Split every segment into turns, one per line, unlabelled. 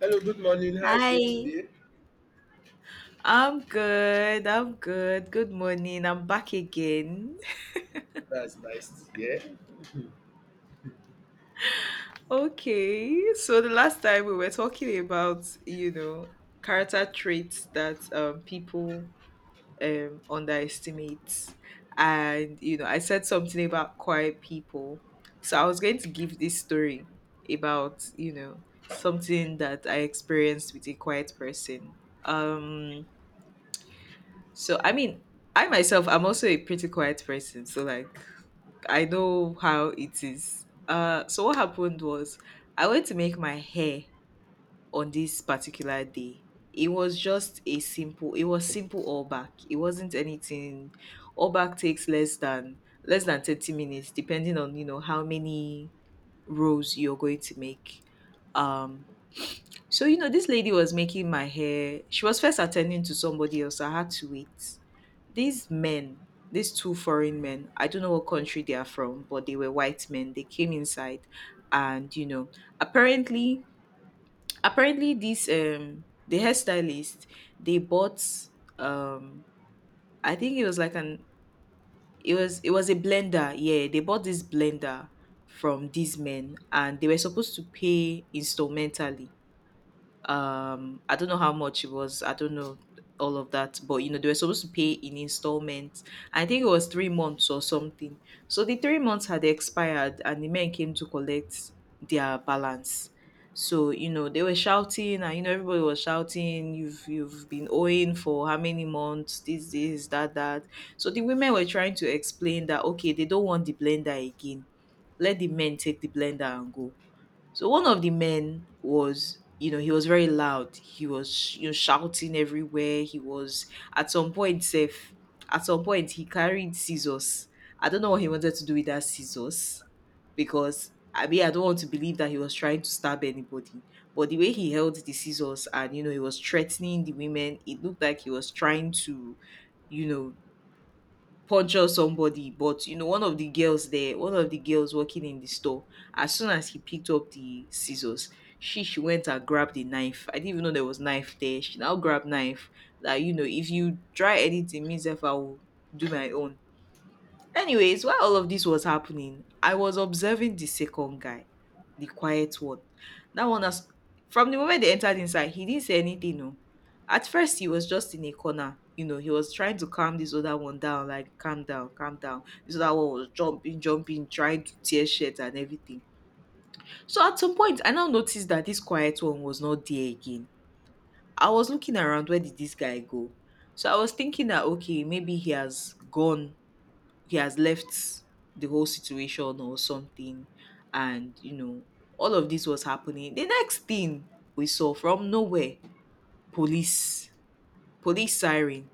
Hello, good morning. How are you doing
Hi.
today?
I'm good. Good morning. I'm back again.
That's nice to hear.
Okay. So the last time we were talking about, you know, character traits that people underestimate. And you know, I said something about quiet people. So I was going to give this story about, you know, something that I experienced with a quiet person. Um so I myself, I'm also a pretty quiet person. So like I know how it is. So what happened was I went to make my hair on this particular day. It was just a simple. It was simple all back. It wasn't anything. All back takes less than 30 minutes, depending on you know how many rows you're going to make. Um, so, you know, this lady was making my hair. She was first attending to somebody else. I had to wait. These men, these two foreign men, I don't know what country they are from, but they were white men. They came inside and, you know, apparently, apparently this the hairstylist, they bought, um, I think it was like an, it was a blender. Yeah. They bought this blender from these men and they were supposed to pay instrumentally. I don't know how much it was. I don't know all of that, but you know they were supposed to pay in installments. I think it was 3 months or something. So the 3 months had expired and the men came to collect their balance. So you know they were shouting, and you know everybody was shouting, you've been owing for how many months, this that that. So the women were trying to explain that okay, they don't want the blender again. Let the men take the blender and go. So one of the men was, you know, he was very loud. He was, you know, shouting everywhere. He was at some point safe. At some point, he carried scissors. I don't know what he wanted to do with that scissors, because I mean, I don't want to believe that he was trying to stab anybody. But the way he held the scissors, and you know he was threatening the women, it looked like he was trying to, you know, puncture somebody. But you know one of the girls there, one of the girls working in the store, as soon as he picked up the scissors, she went and grabbed the knife. I didn't even know there was knife there. She now grabbed knife that, you know, if you try anything, means if I will do my own. Anyways, while all of this was happening, I was observing the second guy, the quiet one. That one, as from the moment they entered inside, he didn't say anything. No, at first he was just in a corner. You know, he was trying to calm this other one down, like calm down, calm down. This other one was jumping, jumping, trying to tear shit and everything. So at some point, I now noticed that this quiet one was not there again. I was looking around, where did this guy go? So I was thinking that okay, maybe he has gone, he has left the whole situation or something. And you know, all of this was happening, the next thing we saw from nowhere, police, police siren,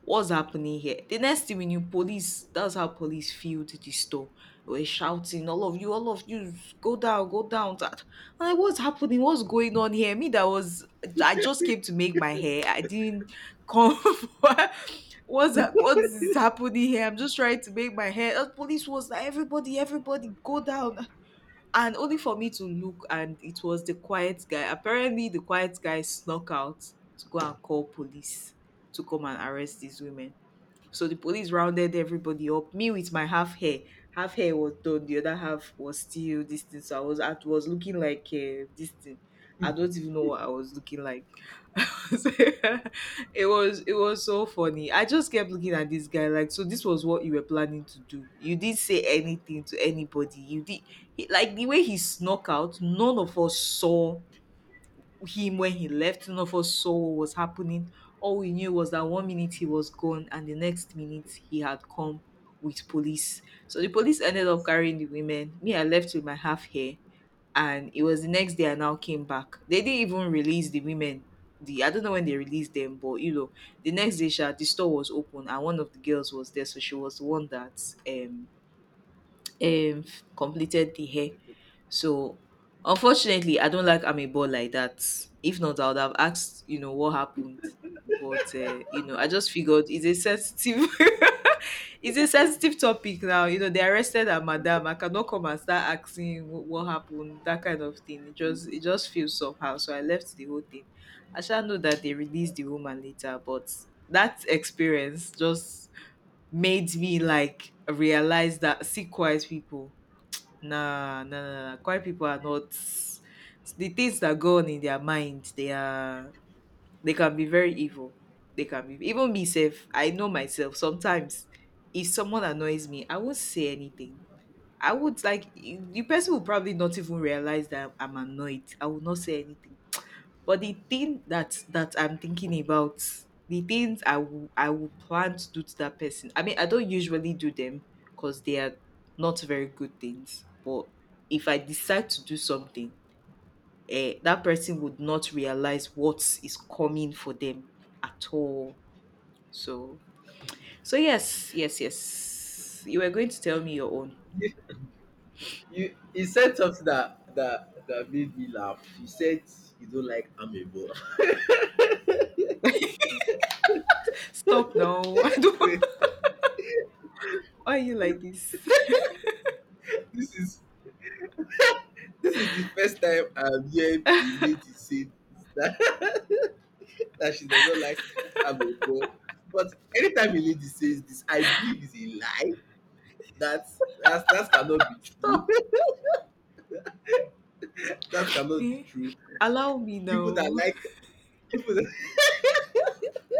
what's happening here? The next thing we knew, police, that's how police filled the store. They were shouting, all of you, all of you, go down, go down. I'm like, what's happening, what's going on here? Me, that was, I just came to make my hair. I didn't come for, what's that, what is happening here? I'm just trying to make my head. Police was like, everybody, everybody, go down. And only for me to look, and it was the quiet guy. Apparently the quiet guy snuck out to go and call police to come and arrest these women. So the police rounded everybody up. Me with my half hair, half hair was done, the other half was still this thing, so I was at was looking like, this thing, I don't even know what I was looking like. So, it was so funny. I just kept looking at this guy like, so this was what you were planning to do. You didn't say anything to anybody. Like the way he snuck out, none of us saw him when he left. None of us saw what was happening. All we knew was that one minute he was gone, and the next minute he had come with police. So the police ended up carrying the women. Me, I left with my half hair, and it was the next day I now came back. They didn't even release the women. The I don't know when they released them, but you know, the next day, sha, the store was open and one of the girls was there, so she was the one that um um completed the hair. So unfortunately, I don't like Amebo like that. If not, I would have asked, you know, what happened. But you know, I just figured it's a sensitive, it's a sensitive topic now. You know, they arrested a madam. I cannot come and start asking what happened, that kind of thing. It just feels somehow. So I left the whole thing. I shall know that they released the woman later, but that experience just made me like realize that, see, quiet people. Nah, nah, nah, nah, nah. Quiet people are not, the things that go on in their mind. They can be very evil. They can be, even me self, I know myself. Sometimes if someone annoys me, I won't say anything. I would like, the person will probably not even realize that I'm annoyed. I will not say anything. But the thing that I'm thinking about, the things I will, I will plan to do to that person, I mean, I don't usually do them because they are not very good things. But if I decide to do something, eh, that person would not realize what is coming for them at all. So so yes, yes, yes. You were going to tell me your own.
You, you said something that, that made me laugh. You said you don't like amebo.
Stop now. I don't.
Wait,
Why are you like this?
this is this is the first time I'm hearing a lady say that, that she does not like amebo. But anytime a lady says this, I believe it's a lie. That that cannot be true.
Stop.
That cannot be
Eh?
true.
Allow me
People that
now.
like. You put-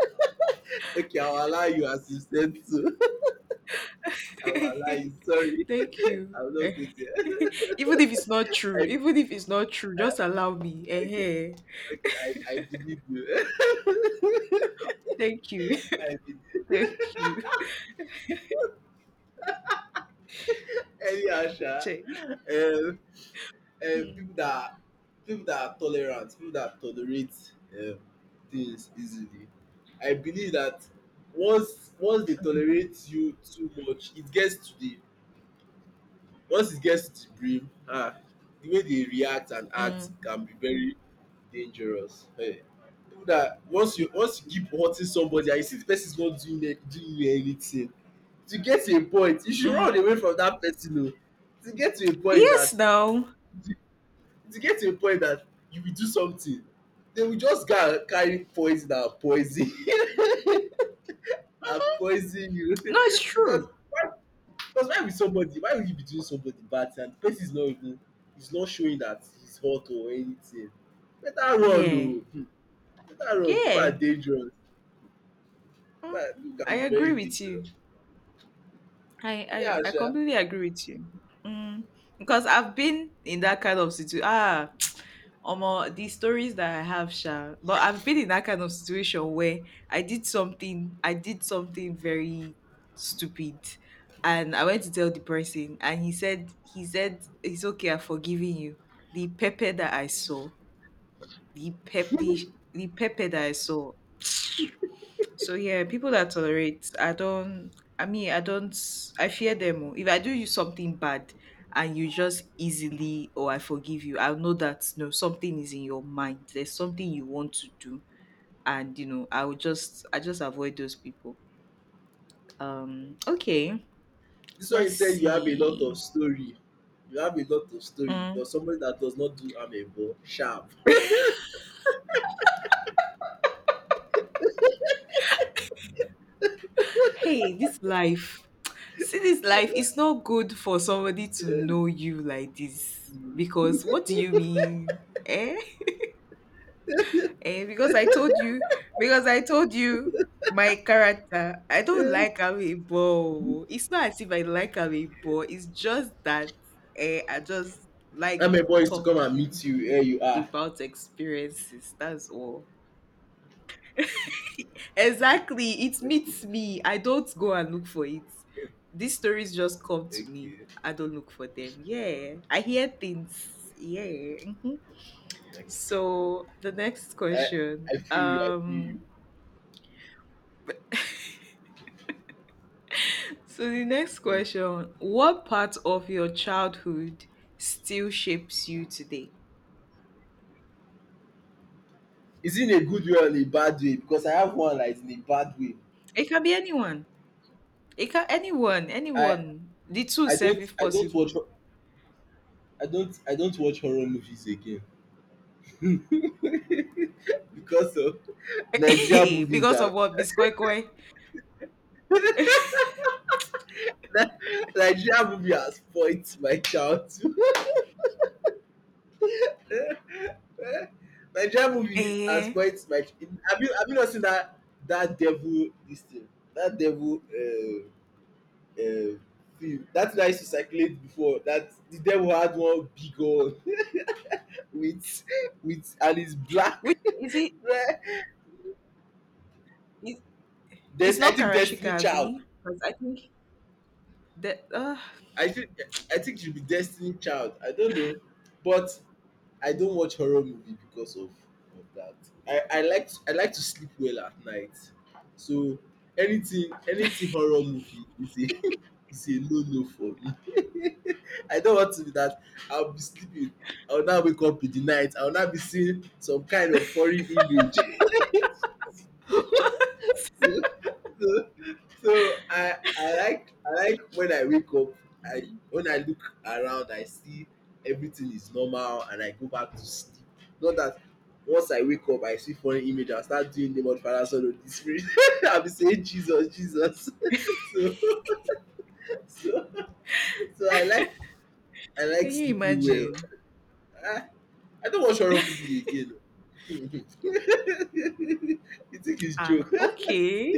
Okay, I will allow you as you said to. I will allow you. Sorry,
Thank you.
I will not go there.
Even if it's not true,
I,
even if it's not true, just allow me. Eh,
okay,
eh.
I believe you.
Thank you.
I believe.
Thank you.
Anyhow, sha,
Shay.
um, um,
Mm,
people that people that are tolerant, people that tolerate um, things easily. I believe that once they tolerate you too much, it gets to the. Once it gets to the brim, the way they react and act
mm,
can be very dangerous. Even dat once you keep hurting somebody and you see the person is not doing any doing you anything, to get to a point you should run
mm.
away from dat person oo. To get to a point
Yes,
dat
now.
to to get to a point dat you will do something, they will just go and carry poison and poison and poison you
No, it's
because.
true.
Because why will somebody why would you be doing somebody bad thing and the person is not even is not showing that he's hot or anything. Better run
Yeah.
oh. Better run, people are
Yeah.
dangerous.
Mm,
People
I
can be very
agree with you.
dangerous.
I,
Anyhow
I, I
sha.
completely agree with you. Mm, because I've been in that kind of situation. Ah, Omo, the stories that I have, sha. But I've been in that kind of situation where I did something very stupid, and I went to tell the person, and he said, it's okay, I'm forgiving you. The pepper that I saw, the pep, the the pepper that I saw, so yeah, people that tolerate, I don't. I mean, I don't. I fear them, oh. If I do you something bad, and you just easily, or I forgive you, I'll know that no, something is in your mind. There's something you want to do, and you know, I just avoid those people. Okay.
This one you
Let's
say you have a lot
see.
of story. You have a lot of story for
Mm.
somebody that does not do amebo sharp.
Hey, this life. See, this life is not good for somebody to know you like this. Because what do you mean? Eh? Eh, because I told you, because I told you my character. I don't like Amiibo. It's not as if I like Amiibo. It's just that eh, I just like
Amebo is to come and
talking
meet you where you are.
about experiences. That's all. Exactly. It
Okay,
meets me. I don't go and look for it. These stories just come to me.
okay,
I don't look for them. Yeah. I hear things. Yeah. Mhm.
okay.
So the next
I
question.
I feel you, I feel you.
So the next
Hmm.
question, what part of your childhood still shapes you today?
Is it in a good way or in a bad way? Because I have one that is in a bad way.
It can be anyone. It can anyone,
I
anyone. The two
I
self
don't
if
I don't watch
possible.
I don't watch horror movies again. Because of Nigeria movies
Because
are.
of what, Biscoy Koi.
Nigeria movie has spoilt my childhood. Nigeria movie has
Eh.
spoilt my. Ch-. Have you not seen that, that devil this thing, that devil, uh, film that thing I used to circulate before that the devil had one big hole with with, and it's black.
Which is it? it- it's
Des- I
not
think Destiny
Karashika
Child.
B, because I think that
I think I think it should be Destiny Child. I don't know, but I don't watch horror movie because of that. I like to sleep well at night, so anything horror movie is a is a no no for me. I don't want to be that. I'll be sleeping. I'll now wake up in the night. I'll now be seeing some kind of foreign image. so, so, I like when I wake up, I when I look around, I see everything is normal and I go back to sleep. Not that once I wake up, I see funny image, I start doing the name of the Father, Son, Holy Spirit. I'll be saying Jesus, Jesus. so, so, so I like I like
can you
sleeping well.
imagine?
I, I don't watch horror movie again. You think it's
Ah,
joke?
okay.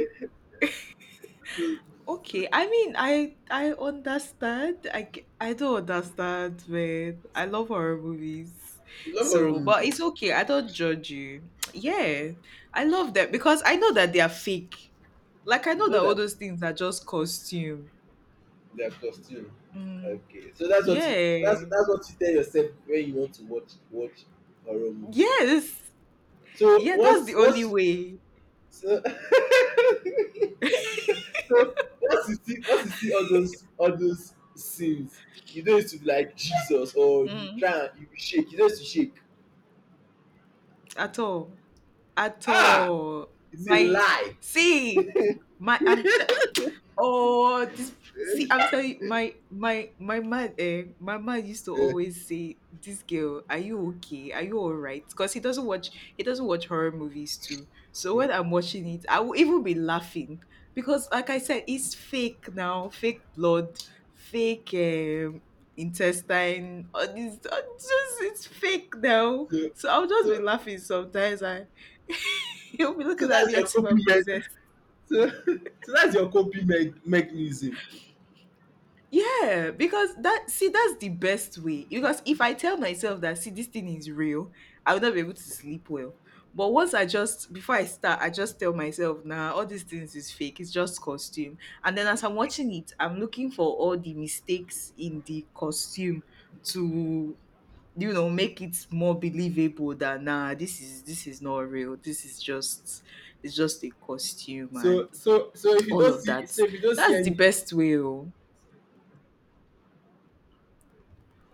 You
Okay, I mean, I understand. I don't understand, man. I love horror movies,
love horror
so but
movie.
it's okay. I don't judge you. Yeah, I love them because I know that they are fake. Like I
You
know
know
that all
that
those things are just costume.
their costume.
Mm,
Okay, so
yeah,
that's what you tell yourself when you want to watch horror movies.
yes,
So
yeah. That's the only
once,
way.
so, so once you see all those, all those scenes, you don't used to be like Jesus or you
Mm,
try and you shake. You don't used to shake.
at all, at
Ah,
all.
it's a
My
lie.
see, my I'm Oh, this see, I'm telling you, my man, eh, my man used to
Eh,
always say, "This girl, are you okay? Are you all right?" Because he doesn't watch, he doesn't watch horror movies too. So when I'm watching it, I will even be laughing because, like I said, it's fake now, fake blood, fake intestine. All this, all just it's fake now.
so,
So I'll just be
so
laughing sometimes, and he'll be
so
looking at
that's
me
your
as if
coping
I'm
me-
possessed.
so, so that's your coping me- mechanism.
Yeah, because that see that's the best way. Because if I tell myself that see this thing is real, I will not be able to sleep well. But once I just before I start, I just tell myself, nah, all these things is fake. It's just costume. And then as I'm watching it, I'm looking for all the mistakes in the costume to you know make it more believable that nah, this is not real. This is just it's just a costume and all of that.
So if you don't see
That's the
any mis-,
best way. Oh.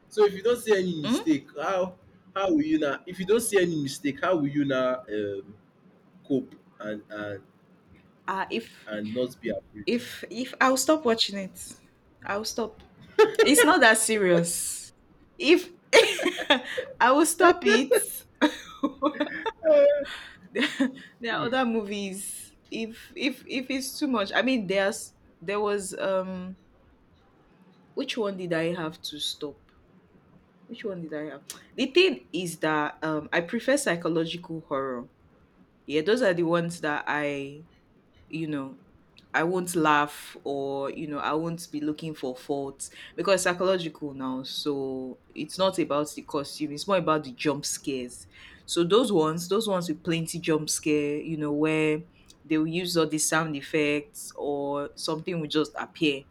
so if you don't see any
Mm?
mistake, how will you now if you don't see any mistake, how will you now cope and and
Uh, if
and not be afraid?
if I'll stop watching it. I'll stop. It's not that serious. If I will stop it. There are
Mm.
other movies. If it's too much. I mean there's there was which one did I have to stop? Which one did I have? The thing is that I prefer psychological horror. Yeah, those are the ones that I you know I won't laugh or you know I won't be looking for faults because it's psychological now. So it's not about the costume; it's more about the jump scares. So those ones with plenty jump scare, you know, where they will use all the sound effects or something will just appear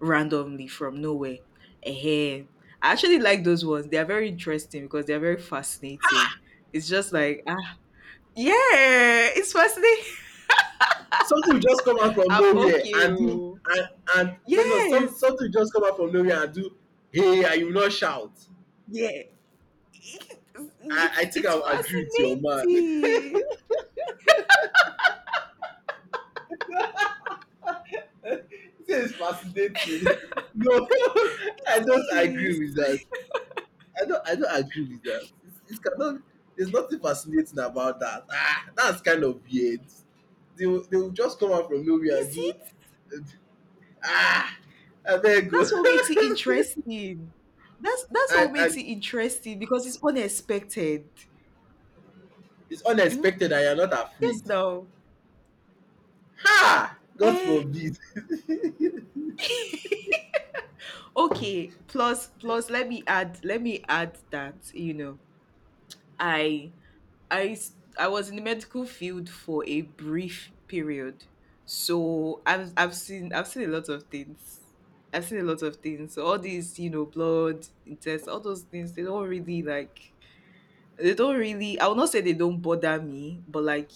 randomly from nowhere. Eh, I actually like those ones. They are very interesting because they are very fascinating. It's just like ah yeah, it's fascinating.
Something will just come out from
I'm
nowhere
okay.
and do,
Oh.
and let's not- some
Yes.
something will just come out from nowhere and do, hey, and you will not shout.
Yeah, it's
I
it's
think
it's
I will agree with your man.
fascinating.
This is fascinating. No, I don't agree
Yes,
with that. I don't agree with that. It's, it cannot, there's nothing fascinating about that. Ah, that's kind of weird. They will just come out from nowhere
is
and do,
it?
ah, I beg go.
That's what makes it interesting. That's what makes
And
it interesting because it's unexpected.
it's
Mhm.
unexpected and you're not
Yes,
afraid.
no.
Ha! God
Eh,
forbid.
okay. Plus, plus, let me add that you know, I I I was in the medical field for a brief period, so I've seen I've seen a lot of things. I've seen a lot of things. So all these, you know, blood tests, all those things, they don't really like. They don't really. I will not say they don't bother me, but like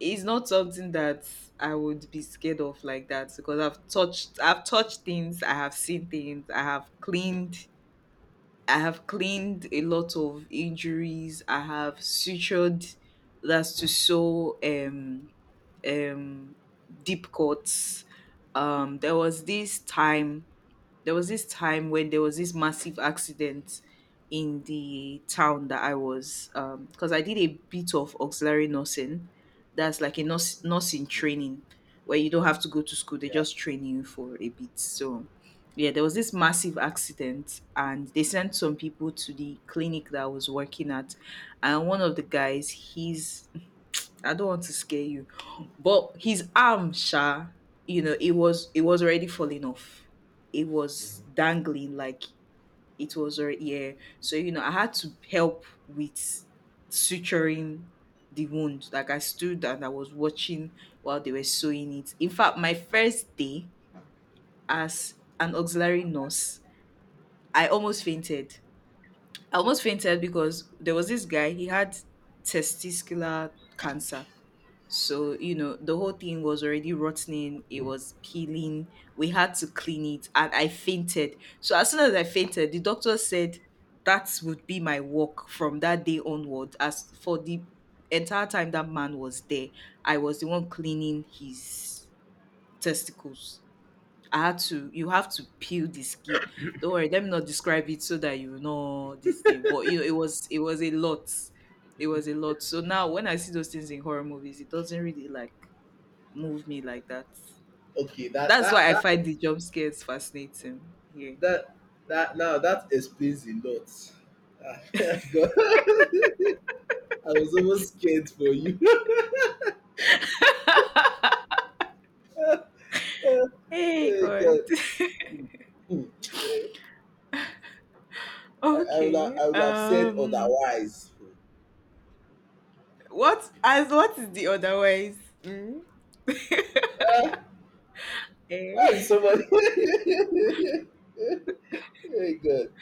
it's not something that I would be scared of like that because I've touched. I've touched things. I have seen things. I have cleaned a lot of injuries. I have sutured, that's to sew um deep cuts. There was this time, there was this time when there was this massive accident in the town that I was because I did a bit of auxiliary nursing. That's like a nurse, nursing
Mm,
training where you don't have to go to school, they
yeah.
just train you for a bit. So yeah, there was this massive accident and they sent some people to the clinic that I was working at. And one of the guys, he's I don't want to scare you. But his arm, Sha, you know, it was already falling off. It was
Mhm.
dangling like it was already, yeah. So, you know, I had to help with suturing the wound. Like I stood and I was watching while they were sewing it. In fact, my first day as an auxiliary nurse, I almost fainted. I almost fainted because there was this guy, he had testicular cancer, so, you know, the whole thing was already rotting. It was peeling. We had to clean it and I fainted. So, as soon as I fainted, the doctor said that would be my work from that day onward. As for the entire time that man was there, I was the one cleaning his testicles. I had to, you have to peel the skin. Don't worry, let me not describe it so that you know this thing. But you know, it was a lot. It was a lot. So now when I see those things in horror movies, it doesn't really like move me like that.
Okay, that
That's why
that
I
that
find the jump scares fascinating. Here,
that that now that explains a lot. Ah, God. I was almost scared for you.
hey
Oh,
God.
God. Hmm. Eh,
okay.
I would have said otherwise.
What as what is the otherwise? Mm?
Hmm. Uh,
Eh?
why would somebody? Hey God,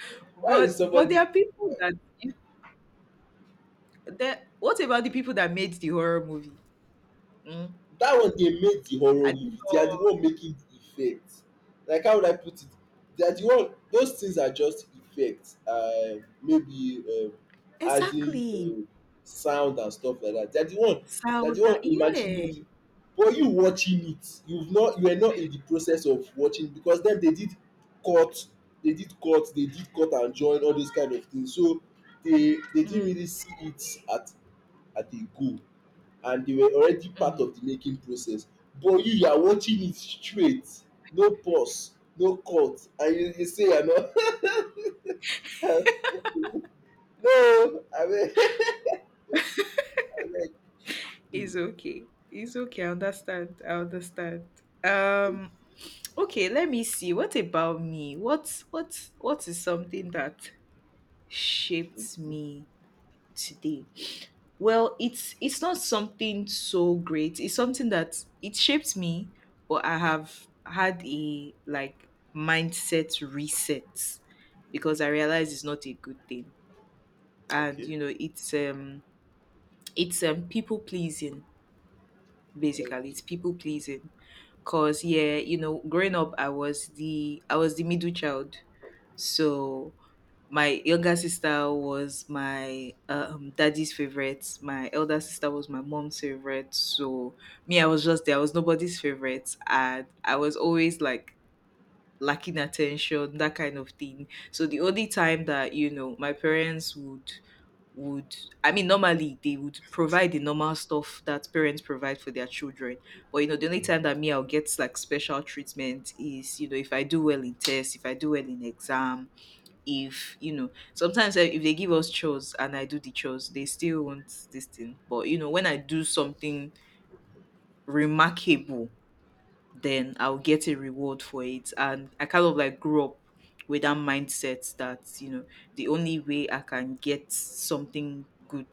why would
But there
somebody.
are people that that, what about the people that made the horror movie? Mm?
That one dey make the horror
I
movie,
didn't
they are the
know.
one making the effect, like how would I put it, they are the one, those things are just effects, maybe adding
Exactly.
sound and stuff like that, they are the one,
Sound that,
imagining it.
yeah.
But you watching it, you've not, you were not in the process of watching, because then they did cut, they did cut and join all those kind of things, so they didn't
Mm,
really see it at a go, and they were already part
mm.
of the making process. But you are watching it straight, no pause no cut, and you say you are not. No abeg, abeg, hmm.
It's okay. It's okay. I understand. I understand. Um, okay, let me see. What about me? What is something that shaped me today? Well, it's not something so great. It's something that it shaped me, but I have had a like mindset reset because I realize it's not a good thing and
Okay.
you know it's it's people pleasing,
Okay,
basically it's people pleasing, cause yeah you know growing up I was the middle child, so my younger sister was my daddy's favorite, my elder sister was my mom's favorite, so me I was just there, I was nobody's favorite and I was always like lacking attention, that kind of thing. So the only time that you know my parents would I mean normally they would provide the normal stuff that parents provide for their children. But you know, the only time that me I'll get like special treatment is, you know, if I do well in tests, if I do well in exam, if you know, sometimes eh, if they give us chores and I do the chores, they still want this thing. But you know, when I do something remarkable, then I'll get a reward for it. And I kind of like grew up with that mindset that, you know, the only way I can get something good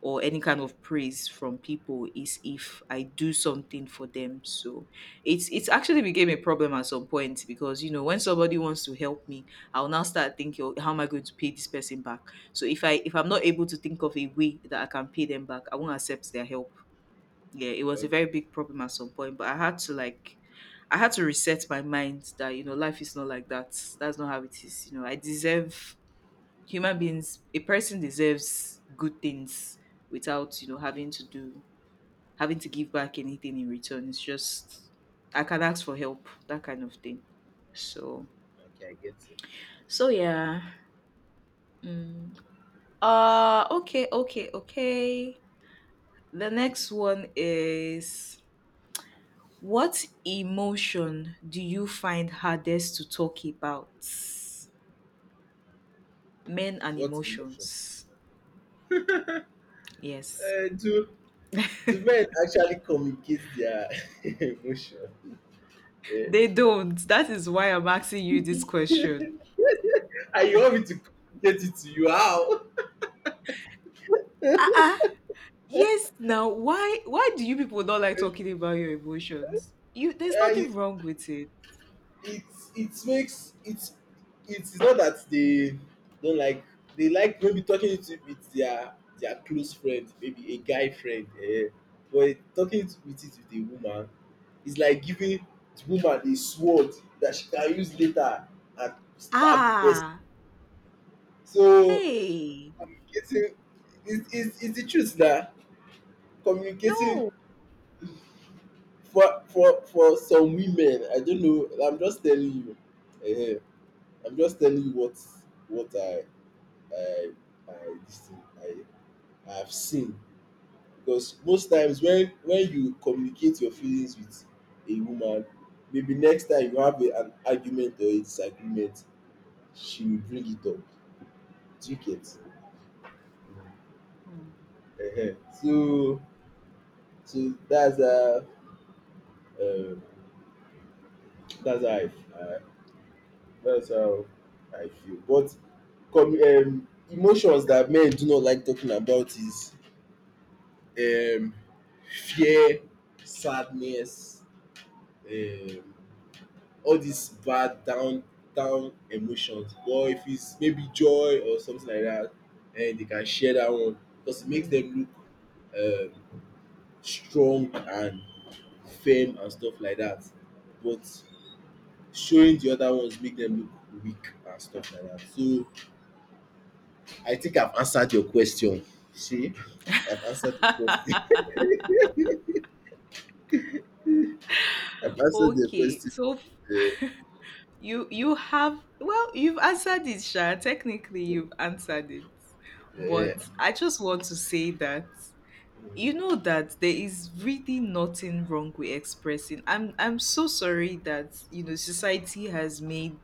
or any kind of praise from people is if I do something for them. So it's actually became a problem at some point because you know when somebody wants to help me, I'll now start thinking, "Oh, how am I going to pay this person back?" So if I'm not able to think of a way that I can pay them back, I won't accept their help. Yeah, it was a
okay
very big problem at some point, but I had to like I had to reset my mind that you know life is not like that. That's not how it is. You know, I deserve, human beings, a person deserves good things without you know having to do, having to give back anything in return. It's just I can ask for help, that kind of thing. So
okay I get you.
so yeah. Mm. Okay, okay, okay. The next one is, what emotion do you find hardest to talk about? Men and
What emotion,
emotions. Yes.
eh, do men actually communicate their emotion, eh,
They don't, that is why I'm asking you this question.
and you want me to communicate it to you, how?
Uh-uh. Yes, now why do you people not like talking about your emotions? You there's
Eh,
nothing wrong with it.
it it makes it it's not that they don't like, they like maybe talking it with their close friend, maybe a guy friend, eh, but talking it with, it with a woman is like giving the woman a sword that she can use later and stab the person.
Ah.
So
Hey.
communicating is the truth na. Communicating
No.
for, some women, I don't know, I'm just telling you, eh. I'm just telling you what I I this thing I have seen. Because most times when you communicate your feelings with a woman, maybe next time you have a, an argument or a disagreement, she will bring it up. Do you get? Uh-huh. So, that's how, um, that's how I that's how I feel. But com- emotions that men do not like talking about is, um, fear, sadness, um, all these bad down, down emotions. But if it's maybe joy or something like that, and they can share that one because it makes
Mm.
them look um, strong and firm and stuff like that. But showing the other ones make them look weak and stuff like that. So I think I've answered your question. See, I've answered the question. I've answered the
okay.
question.
You you have, well, you've answered it, Sha. Technically you've answered it.
Uh,
But I just want to say that you
uh,
know that there is really nothing wrong with expressing. I'm so sorry that you know society has made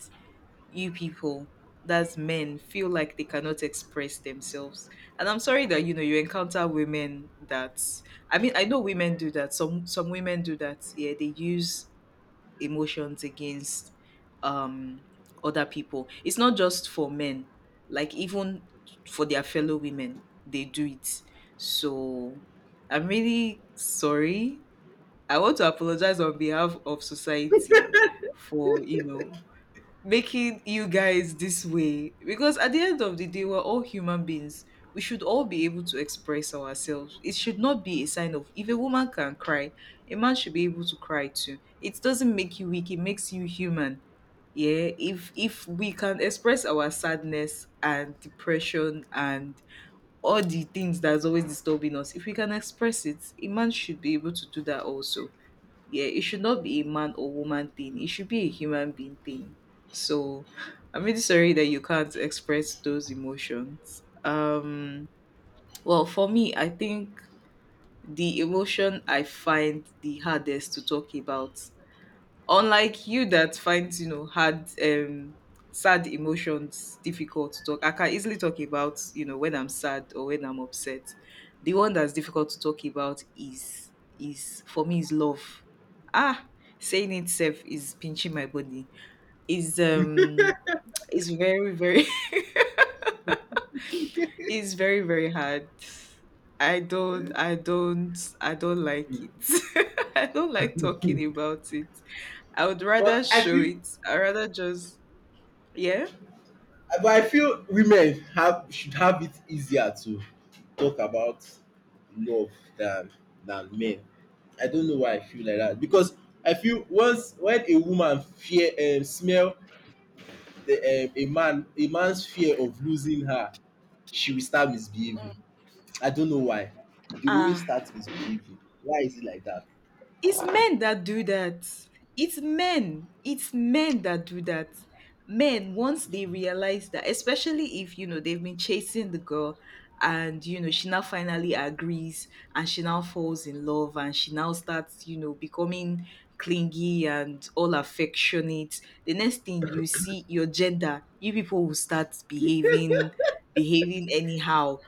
you people, that's men, feel like they cannot express themselves. And I'm sorry that you know you encounter women that, I mean I know women do that, some women do that, yeah, they use emotions against um other people. It's not just for men, like even for their fellow women they do it. So I'm really sorry, I want to apologize on behalf of society for you know making you guys this way, because at the end of the day we're all human beings. We should all be able to express ourselves. It should not be a sign of, if a woman can cry, a man should be able to cry too. It doesn't make you weak, it makes you human. Yeah, if we can express our sadness and depression and all the things that's always disturbing us, if we can express it, a man should be able to do that also. Yeah, it should not be a man or woman thing. It should be a human being thing. So I'm really sorry that you can't express those emotions. Well for me I think the emotion I find the hardest to talk about, unlike you that finds, you know, hard sad emotions difficult to talk. I can easily talk about, you know, when I'm sad or when I'm upset. The one that's difficult to talk about is for me, is love. Ah, saying itself is pinching my body. Is um is very, very it's very very hard. I don't like it. I don't like talking about it. I would rather
But I
show
feel,
it. I rather just yeah.
women have should have it easier to talk about love than than men. I don't know why I feel like that because I feel once when a woman fear smell the a man, a man's fear of losing her, she will start misbehaving. I don't know why. They always
Ah,
start misbehaving. Why is it like that?
it's men that do that. It's men. It's men that do that. Men, once they realize that, especially if you know they've been chasing the girl, and you know she now finally agrees, and she now falls in love, and she now starts you know becoming clingy and all affectionate. The next thing you see, your gender, you people will start behaving, behaving anyhow.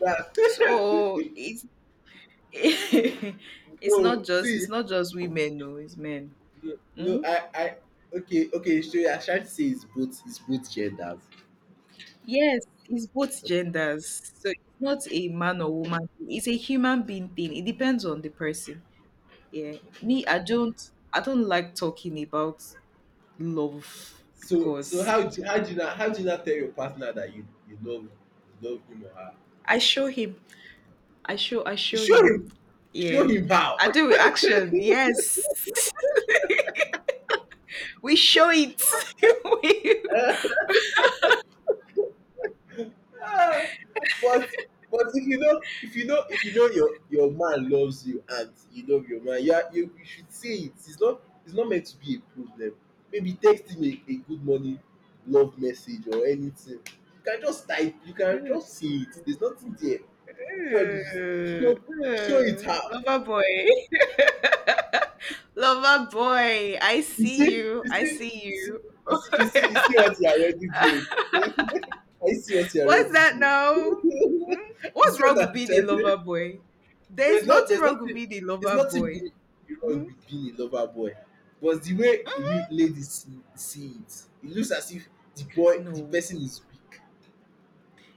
That,
So it's it's
no,
not just,
see.
it's not just women, no, it's men.
Yeah. No,
Mm?
I, okay, okay. So you are trying to say it's both genders.
Yes, it's both genders. So it's not a man or woman thing. It's a human being thing. It depends on the person. Yeah. Me, I don't, I don't like talking about love
So,
because
how do you not, how do you not tell your partner that you, you love him or her?
I show him. I show
Show
him.
him,
Yeah.
show him how.
I do with action. Yes. We show it. we,
Ah, but, if you know your man loves you and you love your man, you are you you should say it, it's not, it's not meant to be a problem. Maybe text him a good morning love message or anything, you can just type, you can just say it, there's nothing there. Which one is show,
uh,
show it how?
uh, lover boy. Lover boy, I
You see
see you.
you
I
see you
see
see
you.
you see you see you see what you are already doing. are you see what you are
What's
already
that
doing?
now? Hmm?
You
What's
see
wrong
what
with
I'm
being a
telling
lover
you.
boy? There's
There's no
nothing
there's
wrong with
nothing
being a
there's
lover
nothing
boy.
being wrong
Hmm?
with being a lover boy. But the way we ladies see, see it, it looks as if the
No,
person is weak.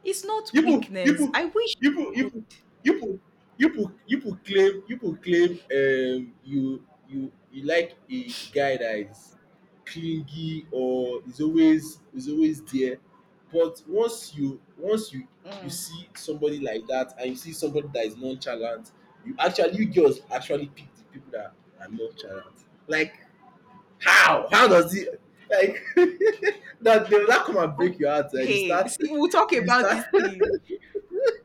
it's not
people
weakness.
people
I wish
people
you
people
could-
people People claim, you like a guy that is clingy or is always, is always there. But once you you
Mm.
see somebody like that and you see somebody that is nonchalant, you girls actually pick the people that are nonchalant, like how does it, like that they will now come and
Oh,
break your heart, eh. You
hey,
start
see, we'll talk
you
about
start.
this thing.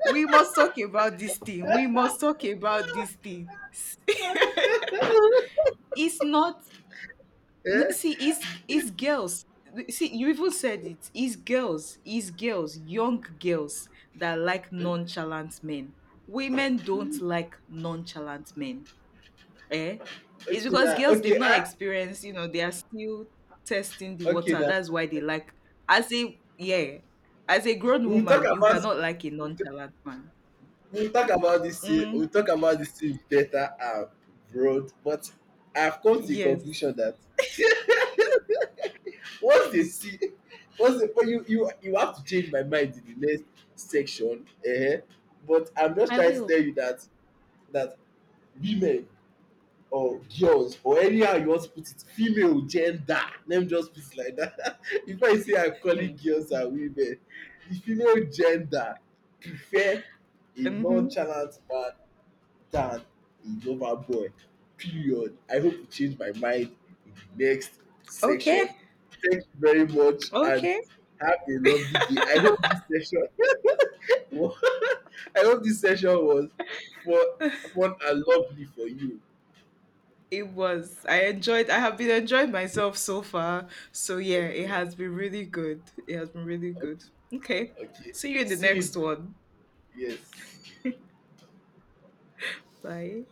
We must talk about this thing. We must talk about this thing. It's not
Eh.
see, it's girls. See, you even said it. It's girls. It's girls. Young girls that like nonchalant men. Women don't like nonchalant men. Eh? It's
Okay
because
now.
girls they've not experienced. You know, they are still testing the
Okay
water.
now.
That's why they like. As a yeah, as a grown
We'll talk
woman, you
about
cannot like a
we'll t-
nonchalant man.
we'll talk about this thing,
Mm,
better abroad, but I've come to the
yes.
conclusion that once they see once they but you have to change my mind in the next section. But I'm just trying to tell you that, that women or girls, or anyhow you want to put it, female gender, let me just put it like that. If I say I'm calling
Mm,
girls and women the female gender, prefer a
mhm.
nonchalant man than a lover boy. Period. I hope you change my mind in the next
Okay.
section. Thank you very much, and
Okay.
have a lovely day. I hope this session, I hope this session was fun fun and lovely for you.
It was. I enjoyed. I have been enjoying myself so far. So yeah,
Thank
it
you.
has been really good. It has been really
Okay,
good. Okay.
okay.
See you in the
See,
next one.
yes.
Bye.